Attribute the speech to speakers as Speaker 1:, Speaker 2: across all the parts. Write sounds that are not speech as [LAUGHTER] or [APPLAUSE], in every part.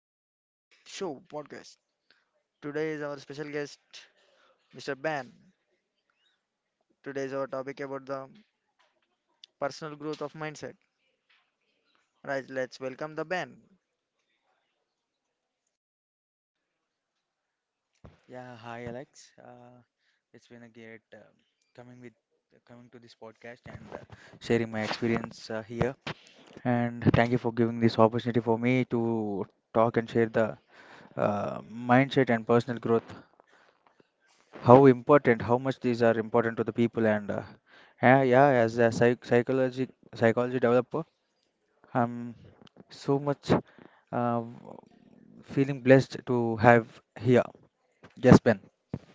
Speaker 1: to my show podcast. Today is our special guest, Mr. Ben. Today is our topic about the personal growth of mindset. Right, let's welcome the Ben.
Speaker 2: Yeah, hi Alex. It's been a great coming with coming to this podcast and sharing my experience here. And thank you for giving this opportunity for me to talk and share the mindset and personal growth. How important, how much these are important to the people. And yeah, yeah, as a psychology developer, I'm so much, uh, feeling blessed to have here. Yes, Ben.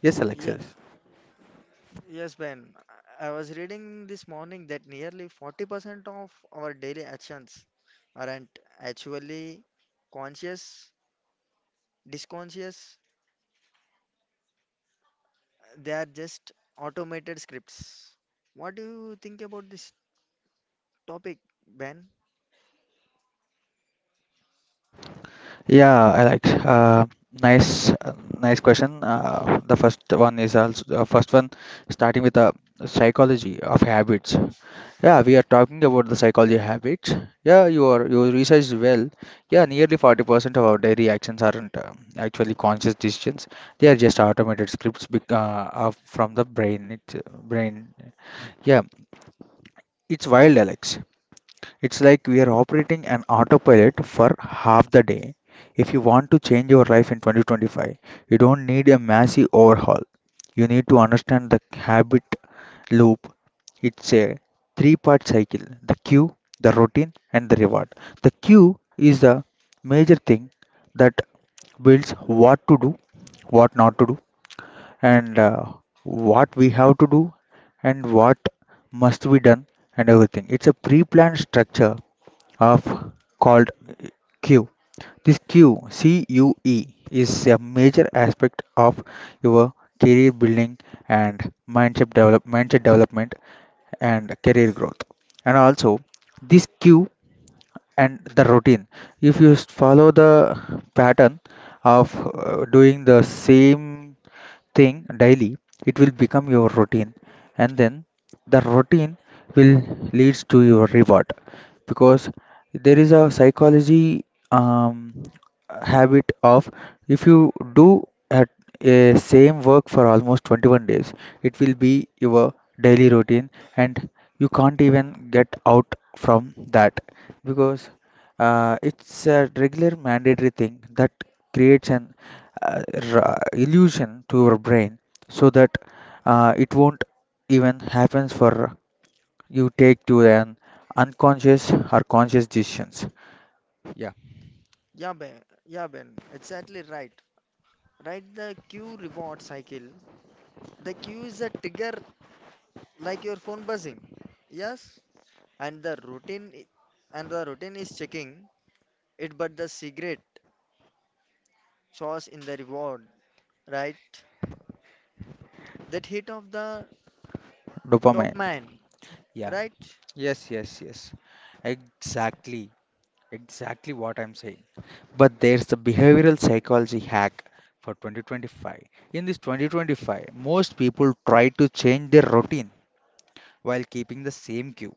Speaker 2: Yes,
Speaker 1: Yeah,
Speaker 2: Alexis.
Speaker 1: yes, Ben. I was reading this morning that nearly 40% of our daily actions aren't actually conscious, disconscious. They are just automated scripts. What do you think about this topic, Ben?
Speaker 2: Yeah, I like, nice, nice question. The first one is also the first one starting with the psychology of habits. Yeah, we are talking about the psychology of habits. Yeah, you researched well. Yeah, nearly 40% of our daily actions aren't, actually conscious decisions. They are just automated scripts of, from the brain. It, brain. Yeah, it's wild, Alex. It's like we are operating an autopilot for half the day. If you want to change your life in 2025, you don't need a massive overhaul. You need to understand the habit loop. It's a three-part cycle: the cue, the routine, and the reward. The cue is the major thing that builds what to do, what not to do, and what we have to do, and what must be done, and everything. It's a pre planned structure of called cue. This cue, C U E, is a major aspect of your career building and mindset development and career growth. And also, this cue and the routine, if you follow the pattern of doing the same thing daily, it will become your routine, and then the routine will leads to your reward, because there is a psychology, um, habit of, if you do at a same work for almost 21 days, it will be your daily routine, and you can't even get out from that, because it's a regular mandatory thing that creates an uh, illusion to your brain so that it won't even happens for you take to an unconscious or conscious decisions. Yeah,
Speaker 1: Yeah, Ben. Yeah, Ben. Exactly right. Right, the cue reward cycle. The cue is a trigger like your phone buzzing. Yes, and and the routine is checking it, but the cigarette sauce in the reward, right? That hit of the
Speaker 2: dopamine,
Speaker 1: dopamine,
Speaker 2: yeah.
Speaker 1: right?
Speaker 2: Yes, yes, yes. Exactly. Exactly what I'm saying. But there's the behavioral psychology hack for 2025. In this 2025, most people try to change their routine while keeping the same cue,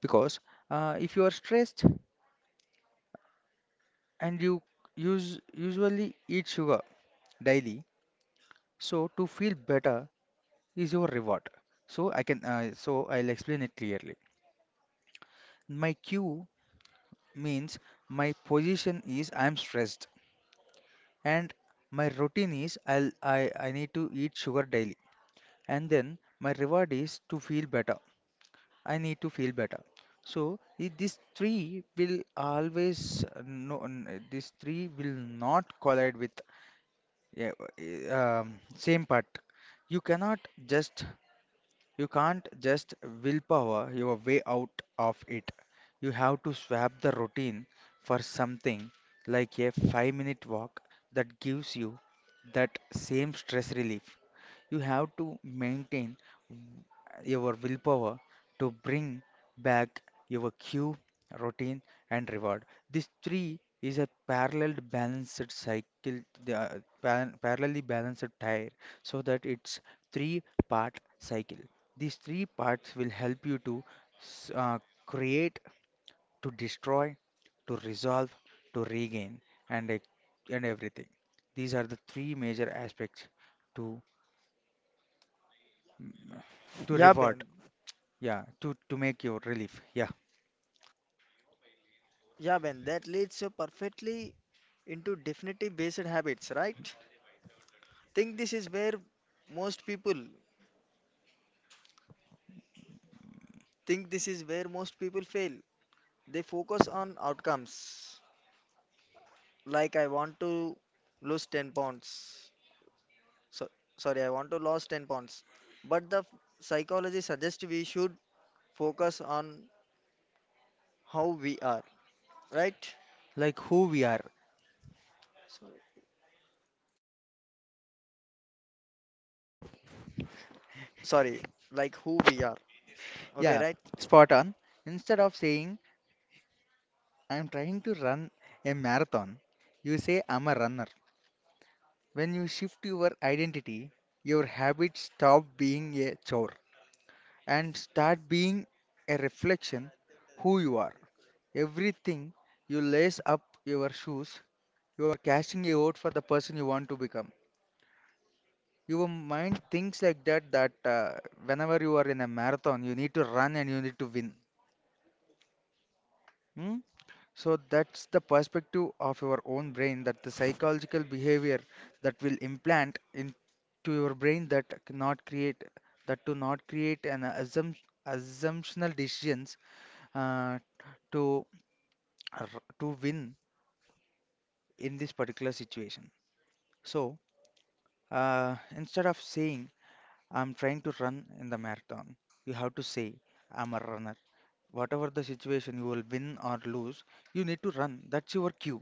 Speaker 2: because if you are stressed and you use usually eat sugar daily, so to feel better is your reward. So I can, so I'll explain it clearly. My cue means my position is I'm stressed, and my routine is I need to eat sugar daily, and then my reward is to feel better, I need to feel better. So these three will always, no n- these three will not collide with, same part. You cannot just, you can't just willpower your way out of it. You have to swap the routine for something like a 5-minute walk that gives you that same stress relief. You have to maintain w- your willpower to bring back your cue, routine, and reward. This three is a parallel balanced cycle, the parallelly balanced tire, so that it's three-part cycle. These three parts will help you to s- uh, create, to destroy, to resolve, to regain, and and everything. These are the three major aspects to to
Speaker 1: Yeah,
Speaker 2: revert.
Speaker 1: Ben.
Speaker 2: Yeah, to make your relief. Yeah,
Speaker 1: Yeah, Ben. That leads you perfectly into definitive based habits, right? Think this is where most people think this is where most people fail. They focus on outcomes. Like I want to lose 10 pounds. So, sorry, I want to lose 10 pounds. But psychology suggests we should focus on how we are, right?
Speaker 2: like who we are.
Speaker 1: Sorry. Sorry, like who we are. Okay,
Speaker 2: Yeah,
Speaker 1: right?
Speaker 2: spot on. Instead of saying, I'm trying to run a marathon, you say, I'm a runner. When you shift your identity, your habits stop being a chore and start being a reflection who you are. Everything you lace up your shoes, you are casting a vote for the person you want to become. Your mind thinks like that that, whenever you are in a marathon, you need to run and you need to win. Hmm? So that's the perspective of your own brain, that the psychological behavior that will implant into your brain, that cannot create that, to not create an assumptional decisions, uh, to to win in this particular situation. So, instead of saying I'm trying to run in the marathon, you have to say I'm a runner. Whatever the situation, you will win or lose. You need to run. That's your cue.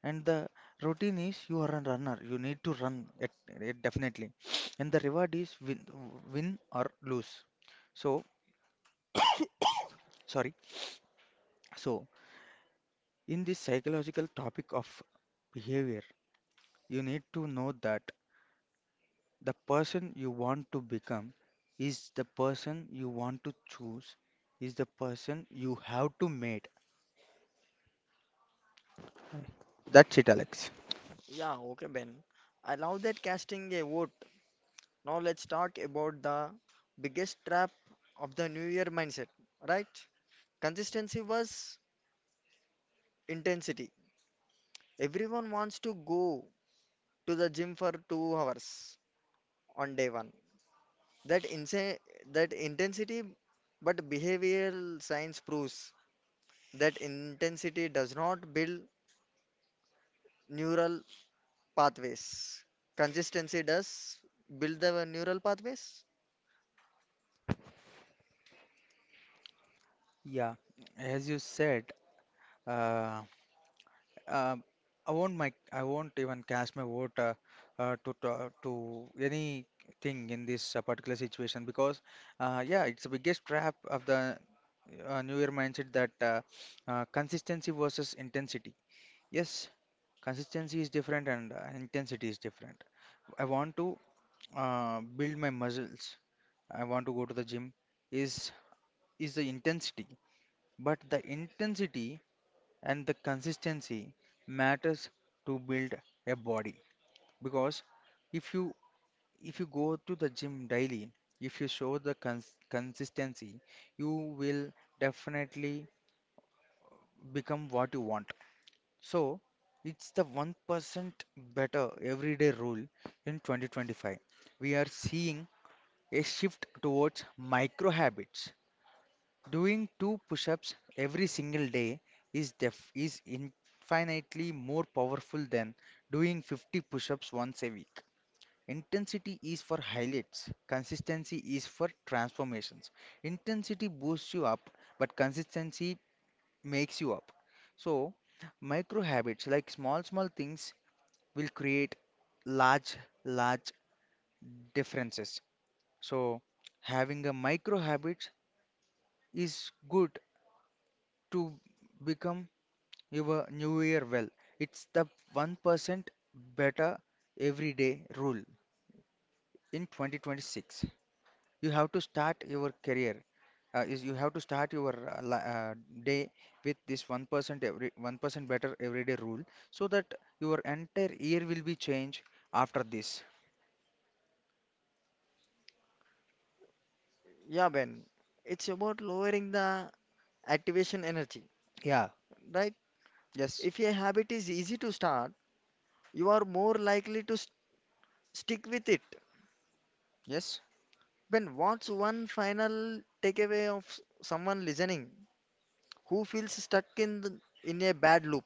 Speaker 2: And the routine is you are a runner. You need to run it, it definitely. And the reward is win, win or lose. So sorry. So in this psychological topic of behavior, you need to know that the person you want to become is the person you want to choose, is the person you have to meet. That's it, Alex.
Speaker 1: Yeah, okay, Ben. I love that casting a vote. Now let's talk about the biggest trap of the New Year mindset, right? Consistency was intensity. Everyone wants to go to the gym for 2 hours on day one. That insa that intensity, but behavioral science proves that intensity does not build neural pathways. Consistency does build the neural pathways.
Speaker 2: Yeah, as you said, uh, uh, I won't even cast my vote, to anything in this, particular situation, because yeah, it's the biggest trap of the, New Year mindset, that consistency versus intensity. Yes, consistency is different and, intensity is different. I want to, build my muscles. I want to go to the gym. Is is the intensity, but the intensity and the consistency matters to build a body, because if you, if you go to the gym daily, if you show the consistency, you will definitely become what you want. So it's the 1% better everyday rule in 2025. We are seeing a shift towards micro habits. Doing two push ups every single day is, is infinitely more powerful than doing 50 push ups once a week. Intensity is for highlights, consistency is for transformations. Intensity boosts you up, but consistency makes you up. So, micro habits like small, small things will create large, large differences. So, having a micro habit is good to become your new year well. It's the 1% better every day rule in 2026. You have to start your career. Is, you have to start your, day with this 1% better everyday rule, so that your entire year will be changed after this.
Speaker 1: Yeah, Ben. It's about lowering the activation energy,
Speaker 2: Yeah.
Speaker 1: right?
Speaker 2: Yes.
Speaker 1: If a habit is easy to start, you are more likely to st stick with it.
Speaker 2: Yes.
Speaker 1: Ben, what's one final takeaway of someone listening who feels stuck in a bad loop?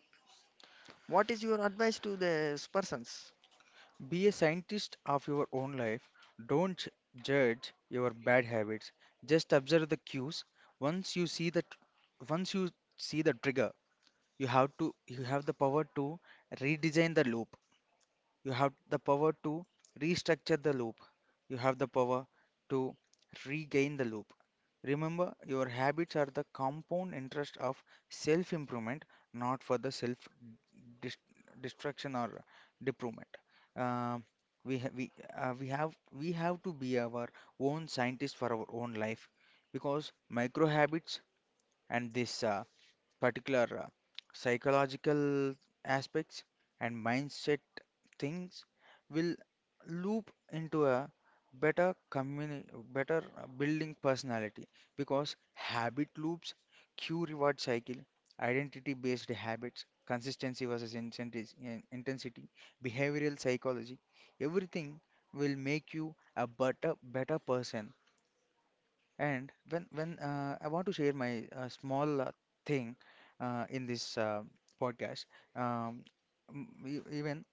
Speaker 1: What is your advice to these persons?
Speaker 2: Be a scientist of your own life. Don't judge your bad habits. Just observe the cues. Once you see the trigger, you have the power to redesign the loop. You have the power to restructure the loop. You have the power to regain the loop. Remember, your habits are the compound interest of self improvement, not for the self dis- destruction or deployment. Um we, we have we have to be our own scientist for our own life, because micro habits and this, particular, psychological aspects and mindset things will loop into a better communi better, building personality, because habit loops, cue reward cycle, identity based habits, consistency versus intensity, behavioral psychology, everything will make you a better, better person. And when I want to share my, small, thing, in this, podcast, um, even,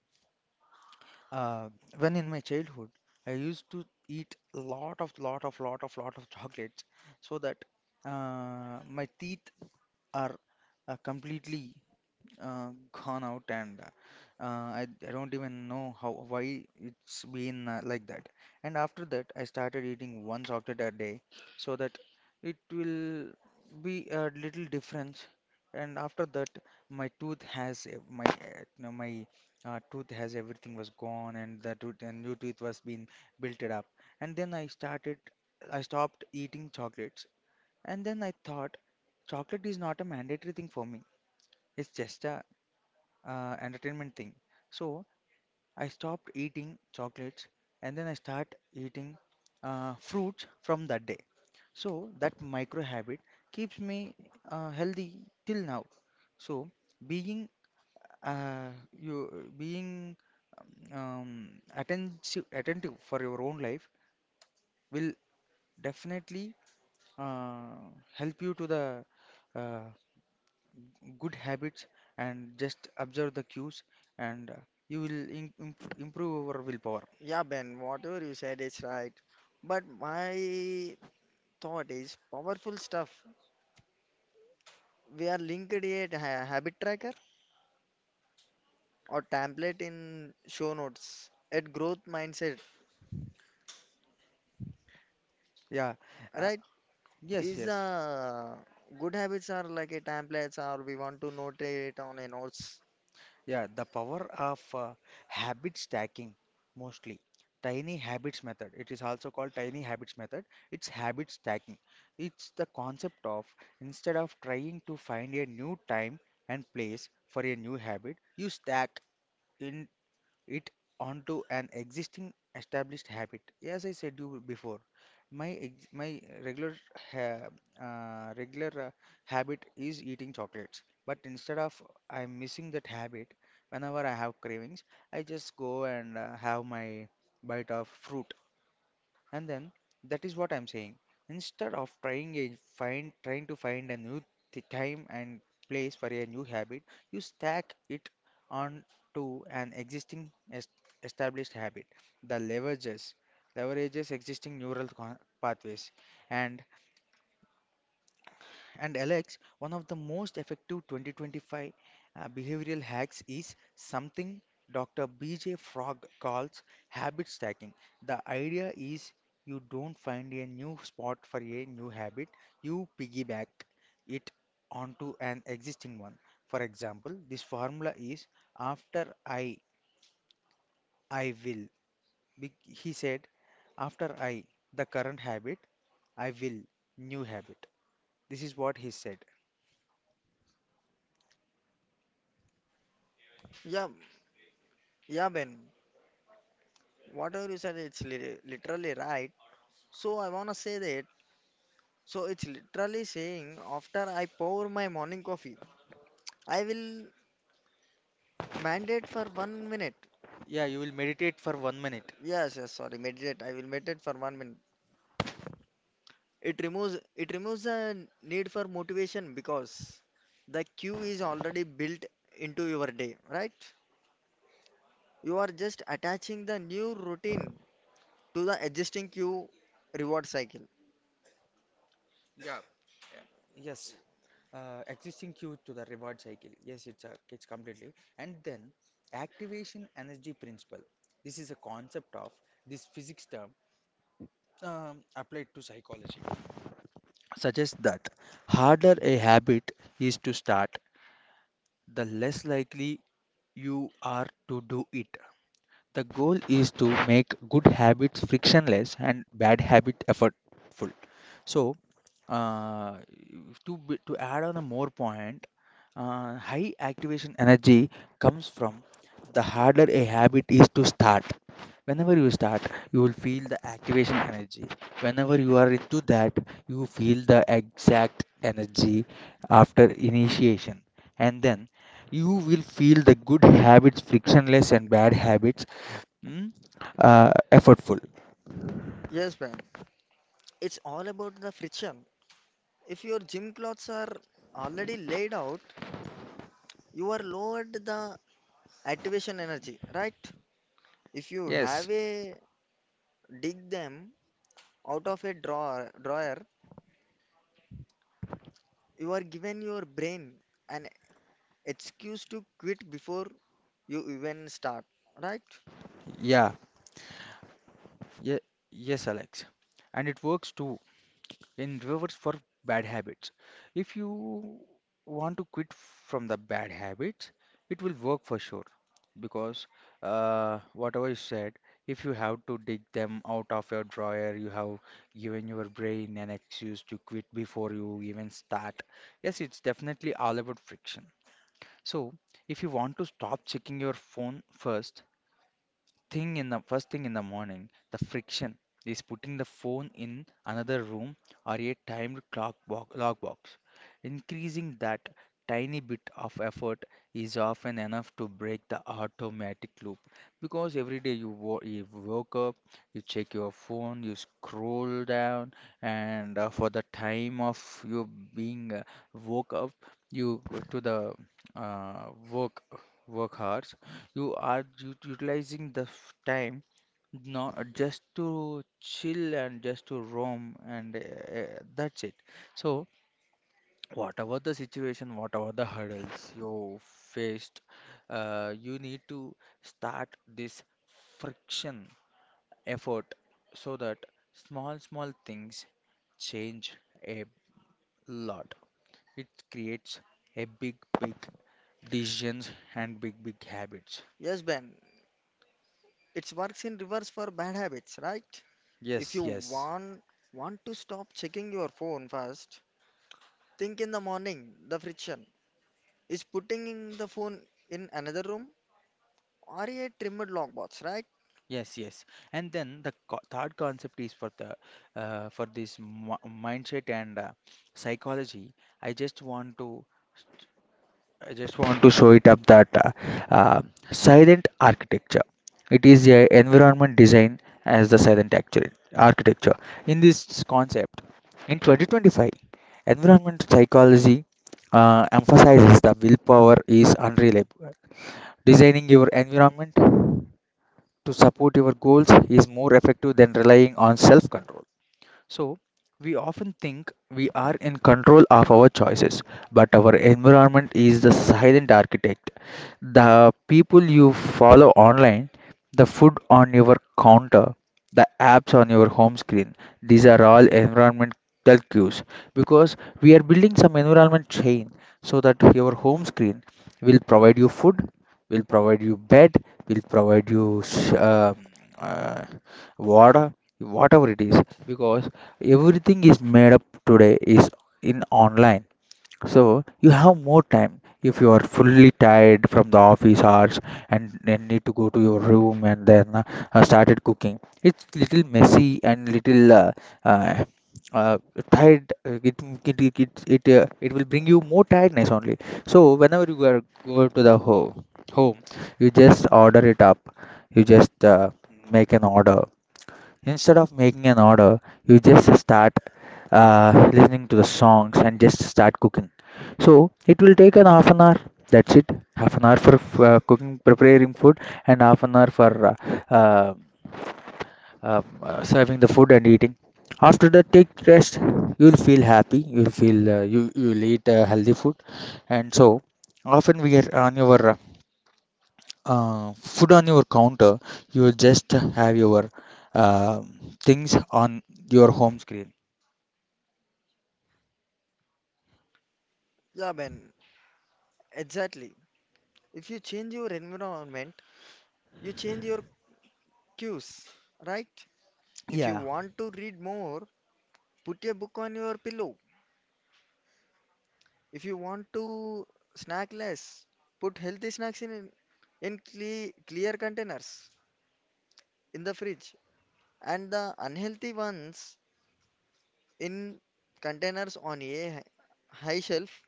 Speaker 2: uh, when in my childhood, I used to eat lot of lot of lot of lot of [LAUGHS] chocolates, so that, my teeth are, completely, gone out, and I don't even know how why it's been, like that. And after that, I started eating one chocolate a day, so that it will be a little difference. And after that, my tooth has ev- my no, my tooth has everything was gone, and the tooth, and new tooth was being built it up. And then I stopped eating chocolates. And then I thought chocolate is not a mandatory thing for me. It's just a, entertainment thing. So I stopped eating chocolates, and then I start eating, fruits from that day. So that micro habit keeps me, healthy till now. So being, uh, you being um, attentive for your own life will definitely, uh, help you to the, uh, good habits, and just observe the cues, and, you will im imp improve your willpower.
Speaker 1: Yeah, Ben, whatever you said is right. But my thought is powerful stuff. We are linked a habit tracker or template in show notes at growth mindset,
Speaker 2: Yeah. Uh,
Speaker 1: right?
Speaker 2: yes,
Speaker 1: Is
Speaker 2: yes.
Speaker 1: good habits are like a templates or we want to note it on a notes.
Speaker 2: Yeah, the power of, habit stacking mostly. Tiny habits method. It is also called tiny habits method. It's habit stacking. It's the concept of, instead of trying to find a new time and place for a new habit, you stack in it onto an existing established habit. As I said you before, my regular ha- uh, regular uh, habit is eating chocolates. But instead of I'm missing that habit, whenever I have cravings, I just go and, have my bite of fruit. And then that is what I'm saying. Instead of trying to find a new time and place for a new habit, you stack it on to an established habit. The leverages existing neural pathways. And Alex, one of the most effective 2025, behavioral hacks is something Dr. BJ Frog calls habit stacking. The idea is you don't find a new spot for a new habit, you piggyback it onto an existing one. For example, this formula is after I will. He said, after I, the current habit, I will, new habit. This is what he said.
Speaker 1: Yeah, yeah, Ben, whatever you said, it's literally right. So I wanna say that So it's literally saying after I pour my morning coffee, I will mandate for 1 minute.
Speaker 2: Yeah, you will meditate for 1 minute.
Speaker 1: Yes, yes, sorry, meditate. I will meditate for 1 minute. It removes the need for motivation because the cue is already built into your day, right? You are just attaching the new routine to the existing cue reward cycle.
Speaker 2: Yes, existing cue to the reward cycle. Yes, it's a, it's completely. And then activation energy principle. This is a concept of this physics term applied to psychology. Suggests that harder a habit is to start, the less likely you are to do it. The goal is to make good habits frictionless and bad habit effortful. So, uh, to add on a more point. High activation energy comes from the harder a habit is to start. Whenever you start, you will feel the activation energy. Whenever you are into that, you feel the exact energy after initiation. And then you will feel the good habits frictionless and bad habits mm, effortful.
Speaker 1: Yes, man. It's all about the friction. If your gym clothes are already laid out, you are lowered the activation energy, right? If you
Speaker 2: Yes,
Speaker 1: have a dig them out of a drawer, you are given your brain an excuse to quit before you even start, right?
Speaker 2: yeah, yeah, yes, Alex. And it works too in reverse for bad habits. If you want to quit from the bad habits, it will work for sure because whatever you said, if you have to dig them out of your drawer, you have given your brain an excuse to quit before you even start. Yes, it's definitely all about friction. So, if you want to stop checking your phone first, thing in the first thing in the morning, the friction is putting the phone in another room or a timed clock box, log box. Increasing that tiny bit of effort is often enough to break the automatic loop because every day you woke up, you check your phone, you scroll down, and for the time of you being woke up, you go to the uh, work work hours you are utilizing the time not just to chill and just to roam, and that's it. So, whatever the situation, whatever the hurdles you faced, you need to start this friction effort so that small, small things change a lot. It creates a big, big decisions and big, big habits.
Speaker 1: Yes, Ben. It works in reverse for bad habits, right? If you
Speaker 2: Yes, yes.
Speaker 1: want to stop checking your phone first, think in the morning. The friction is putting in the phone in another room or a trimmed lockbox, right?
Speaker 2: Yes, yes. And then the co third concept is for the for this mindset and psychology. I just want to I just want to show it up that uh, silent architecture. It is a environment design as the silent architecture. In this concept, in 2025, environment psychology emphasizes the willpower is unreliable. Designing your environment to support your goals is more effective than relying on self control. So, we often think we are in control of our choices, but our environment is the silent architect, the people you follow online, the food on your counter, the apps on your home screen. These are all environmental cues because we are building some environment chain so that your home screen will provide you food, will provide you bed, will provide you uh, water, whatever it is, because everything is made up today is in online so you have more time if you are fully tired from the office hours and then need to go to your room and then started cooking. It's little messy and little uh, uh, tired. It will bring you more tiredness only. So whenever you are go to the home, you just order it up. You just make an order. Instead of making an order, you just start listening to the songs and just start cooking. So it will take an half an hour. That's it. Half an hour for cooking, preparing food, and half an hour for uh, serving the food and eating. After that, take rest. You'll feel happy. You'll feel you'll eat healthy food, and so often we are on your food on your counter. You will just have your uh, things on your home screen.
Speaker 1: Yeah, Ben. Exactly. If you change your environment, you change your cues, right? If you
Speaker 2: Yeah.
Speaker 1: want to read more, put a book on your pillow. If you want to snack less, put healthy snacks in clear containers in the fridge and the unhealthy ones in containers on a high shelf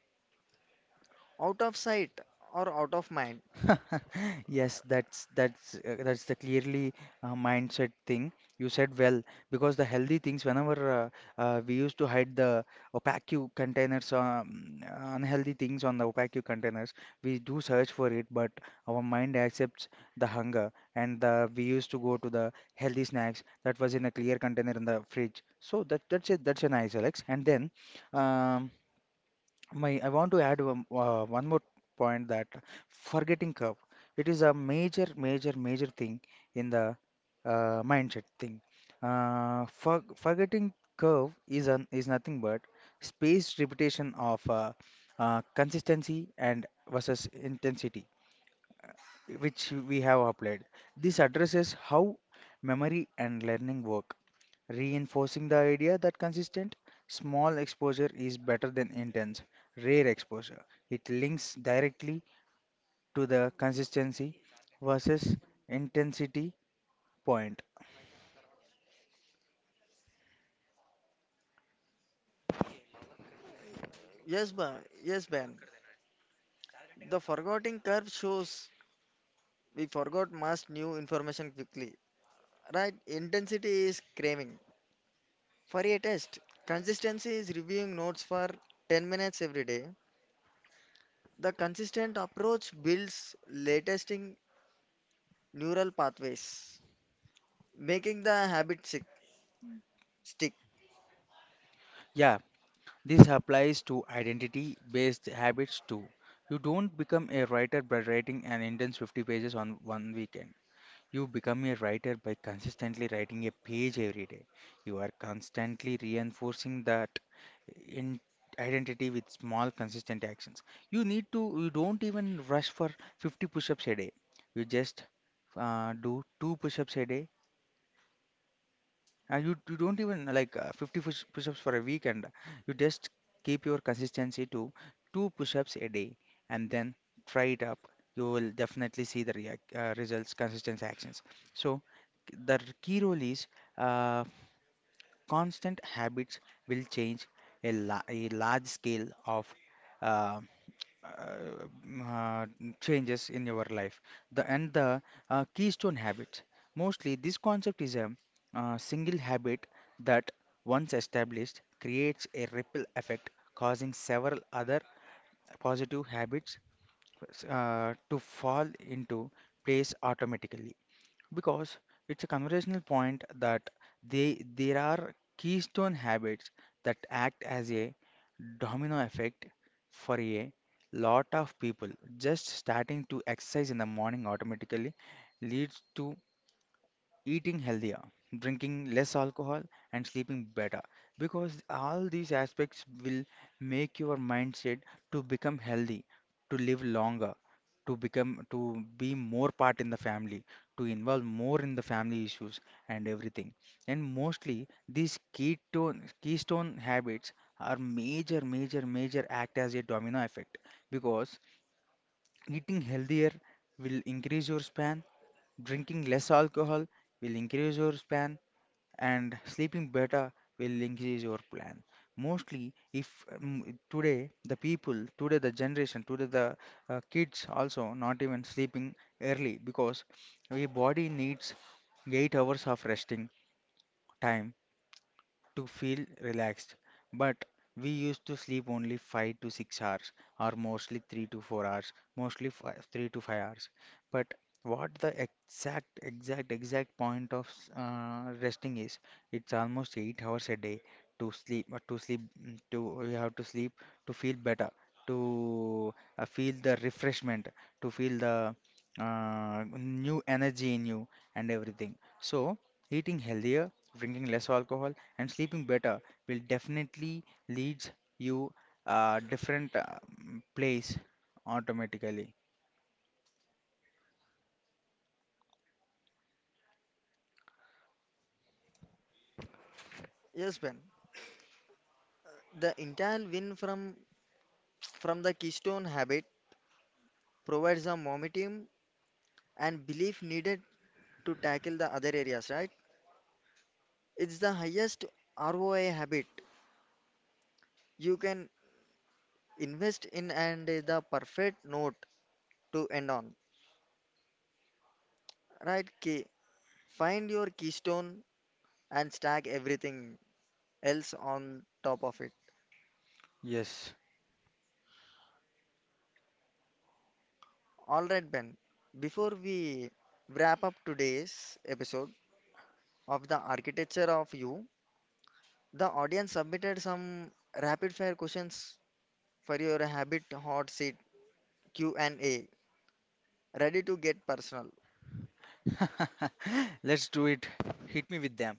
Speaker 1: out of sight or out of mind.
Speaker 2: [LAUGHS] Yes, that's the clearly mindset thing. You said well because the healthy things whenever we used to hide the opaque containers, unhealthy things on the opaque containers, we do search for it, but our mind accepts the hunger, and we used to go to the healthy snacks that was in a clear container in the fridge. So that's it. That's a nice, Alex. And then. Um, I want to add one more point that forgetting curve, it is a major, major, major thing in the mindset thing. Forgetting curve is nothing but spaced repetition of consistency and versus intensity, which we have applied. This addresses how memory and learning work reinforcing the idea that consistent, small exposure is better than intense, rare exposure. It links directly to the consistency versus intensity point.
Speaker 1: Yes, ba yes, Ben. The forgetting curve shows we forgot must new information quickly. Right? Intensity is craving. For a test, consistency is reviewing notes for 10 minutes every day. The consistent approach builds latesting neural pathways, making the habit stick.
Speaker 2: Yeah, this applies to identity based habits too. You don't become a writer by writing an intense 50 pages on one weekend. You become a writer by consistently writing a page every day. You are constantly reinforcing the in identity with small consistent actions you need to you don't even rush for 50 push-ups a day you just do 2 push-ups a day and you don't even like 50 push-ups for a week and you just keep your consistency to 2 push-ups a day and then try it up you will definitely see the results consistent actions so the key role is uh, constant habits will change a large scale of uh, uh, mm, uh, changes in your life. The and the keystone habits. Mostly, this concept is a single habit that once established creates a ripple effect, causing several other positive habits to fall into place automatically because it's a conversational point that they there are keystone habits that act as a domino effect for a lot of people just starting to exercise in the morning automatically leads to eating healthier, drinking less alcohol, and sleeping better because all these aspects will make your mindset to become healthy, to live longer, to be more part in the family, to involve more in the family issues and everything. And mostly these keystone habits are major, major, major act as a domino effect because eating healthier will increase your span. Drinking less alcohol will increase your span, and sleeping better will increase your plan. Mostly, if today the people, today the generation, today the kids also not even sleeping early because your body needs 8 hours of resting time to feel relaxed. But we used to sleep only 5 to 6 hours, or mostly 3 to 4 hours, mostly five, 3 to 5 hours. But what the exact, exact, exact point of resting is, it's almost 8 hours a day to sleep, mm, to you have to sleep to feel better, to feel the refreshment, to feel the new energy in you and everything. So, eating healthier, drinking less alcohol and sleeping better will definitely leads you a different place automatically.
Speaker 1: Yes, Ben. The entire win from the keystone habit provides the momentum and belief needed to tackle the other areas, right? It's the highest ROI habit you can invest in and is the perfect note to end on, right? K. Find your keystone and stack everything else on top of it.
Speaker 2: Yes.
Speaker 1: All right, Ben, before we wrap up today's episode of the architecture of you, the audience submitted some rapid fire questions for your habit hot seat Q&A. Ready to get personal.
Speaker 2: [LAUGHS] Let's do it. Hit me with them.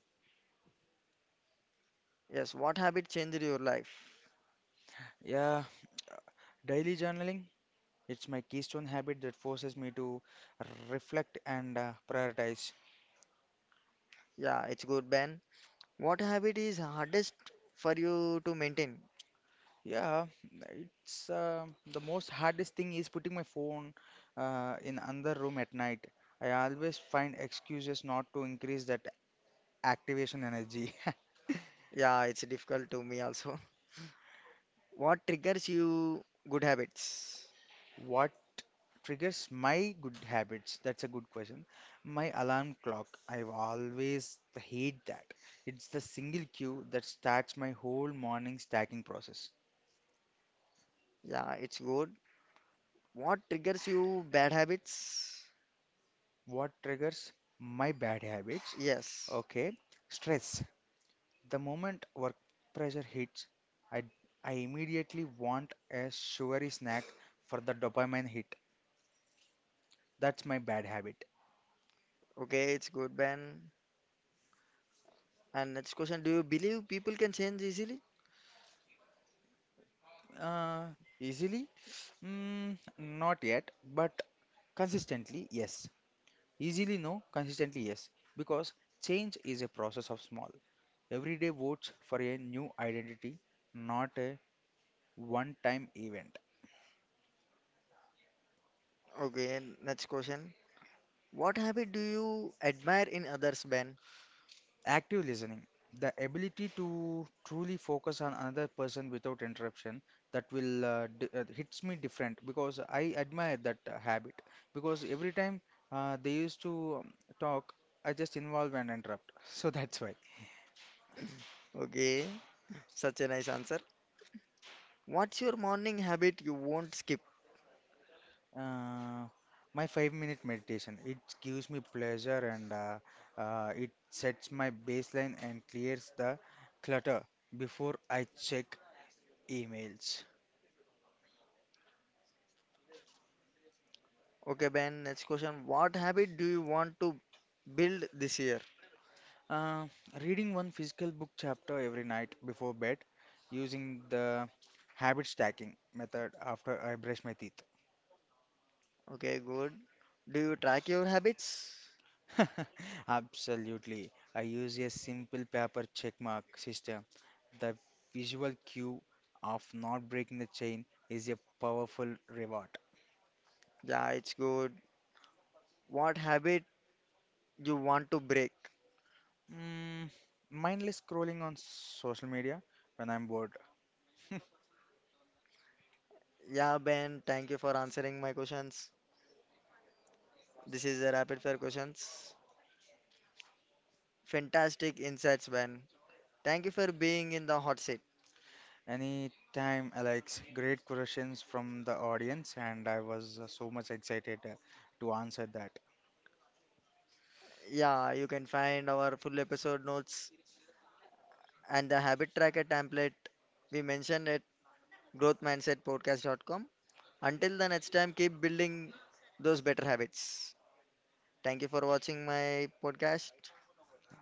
Speaker 1: Yes, what habit changed your life?
Speaker 2: Yeah, daily journaling. It's my keystone habit that forces me to reflect and prioritize.
Speaker 1: Yeah, it's good, Ben. What habit is hardest for you to maintain?
Speaker 2: Yeah, it's the most hardest thing is putting my phone in another room at night. I always find excuses not to increase that activation energy. [LAUGHS]
Speaker 1: Yeah, it's difficult to me also. [LAUGHS] What triggers you good habits?
Speaker 2: What triggers my good habits? That's a good question. My alarm clock, I've always hate that. It's the single cue that starts my whole morning stacking process.
Speaker 1: Yeah, it's good. What triggers you bad habits?
Speaker 2: What triggers my bad habits?
Speaker 1: Yes.
Speaker 2: Okay, stress. The moment work pressure hits, I I immediately want a sugary snack for the dopamine hit. That's my bad habit.
Speaker 1: Okay, it's good, Ben. And next question, do you believe people can change easily?
Speaker 2: Uh, easily? Not yet, but consistently, yes. Easily no, consistently yes, because change is a process of small, everyday votes for a new identity, not a one time event.
Speaker 1: Okay, and next question. What habit do you admire in others, Ben?
Speaker 2: Active listening, the ability to truly focus on another person without interruption, that will hits me different because I admire that habit. Because every time they used to talk, I just involve and interrupt. [LAUGHS] So that's why.
Speaker 1: Okay, such a nice answer. What's your morning habit you won't skip?
Speaker 2: Uh, my 5 minute meditation. It gives me pleasure and it sets my baseline and clears the clutter before I check emails.
Speaker 1: Okay, Ben, next question. What habit do you want to build this year?
Speaker 2: Uh, reading one physical book chapter every night before bed using the habit stacking method after I brush my teeth.
Speaker 1: Okay, good. Do you track your habits?
Speaker 2: [LAUGHS] Absolutely. I use a simple paper check mark system. The visual cue of not breaking the chain is a powerful reward.
Speaker 1: Yeah, it's good. What habit you want to break?
Speaker 2: Mm, mindless scrolling on social media when I'm bored. [LAUGHS]
Speaker 1: Yeah, Ben, thank you for answering my questions. This is a rapid fire questions. Fantastic insights, Ben. Thank you for being in the hot seat.
Speaker 2: Anytime, Alex. Great questions from the audience, and I was so much excited to answer that.
Speaker 1: Yeah, you can find our full episode notes and the habit tracker template we mentioned at growthmindsetpodcast.com. Until the next time, keep building those better habits. Thank you for watching my podcast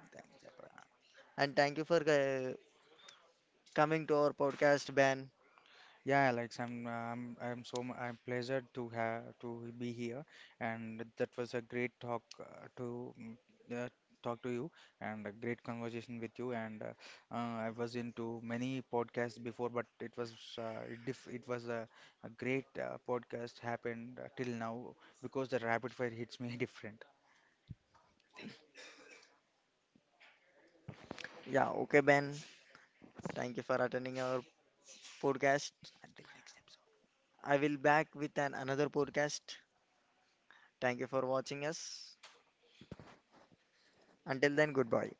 Speaker 2: Thanks, Abra.
Speaker 1: and thank you for coming to our podcast, Ben.
Speaker 2: Yeah, Alex, I'm pleasured to have to be here, and that was a great talk to mm, uh, talk to you, and a great conversation with you. And I was into many podcasts before, but it was a great podcast happened till now because the rapid fire hits me [LAUGHS] different.
Speaker 1: Yeah, okay, Ben. Thank you for attending our podcast.
Speaker 2: Until next episode.
Speaker 1: I will back with an another podcast. Thank you for watching us. Until then, goodbye.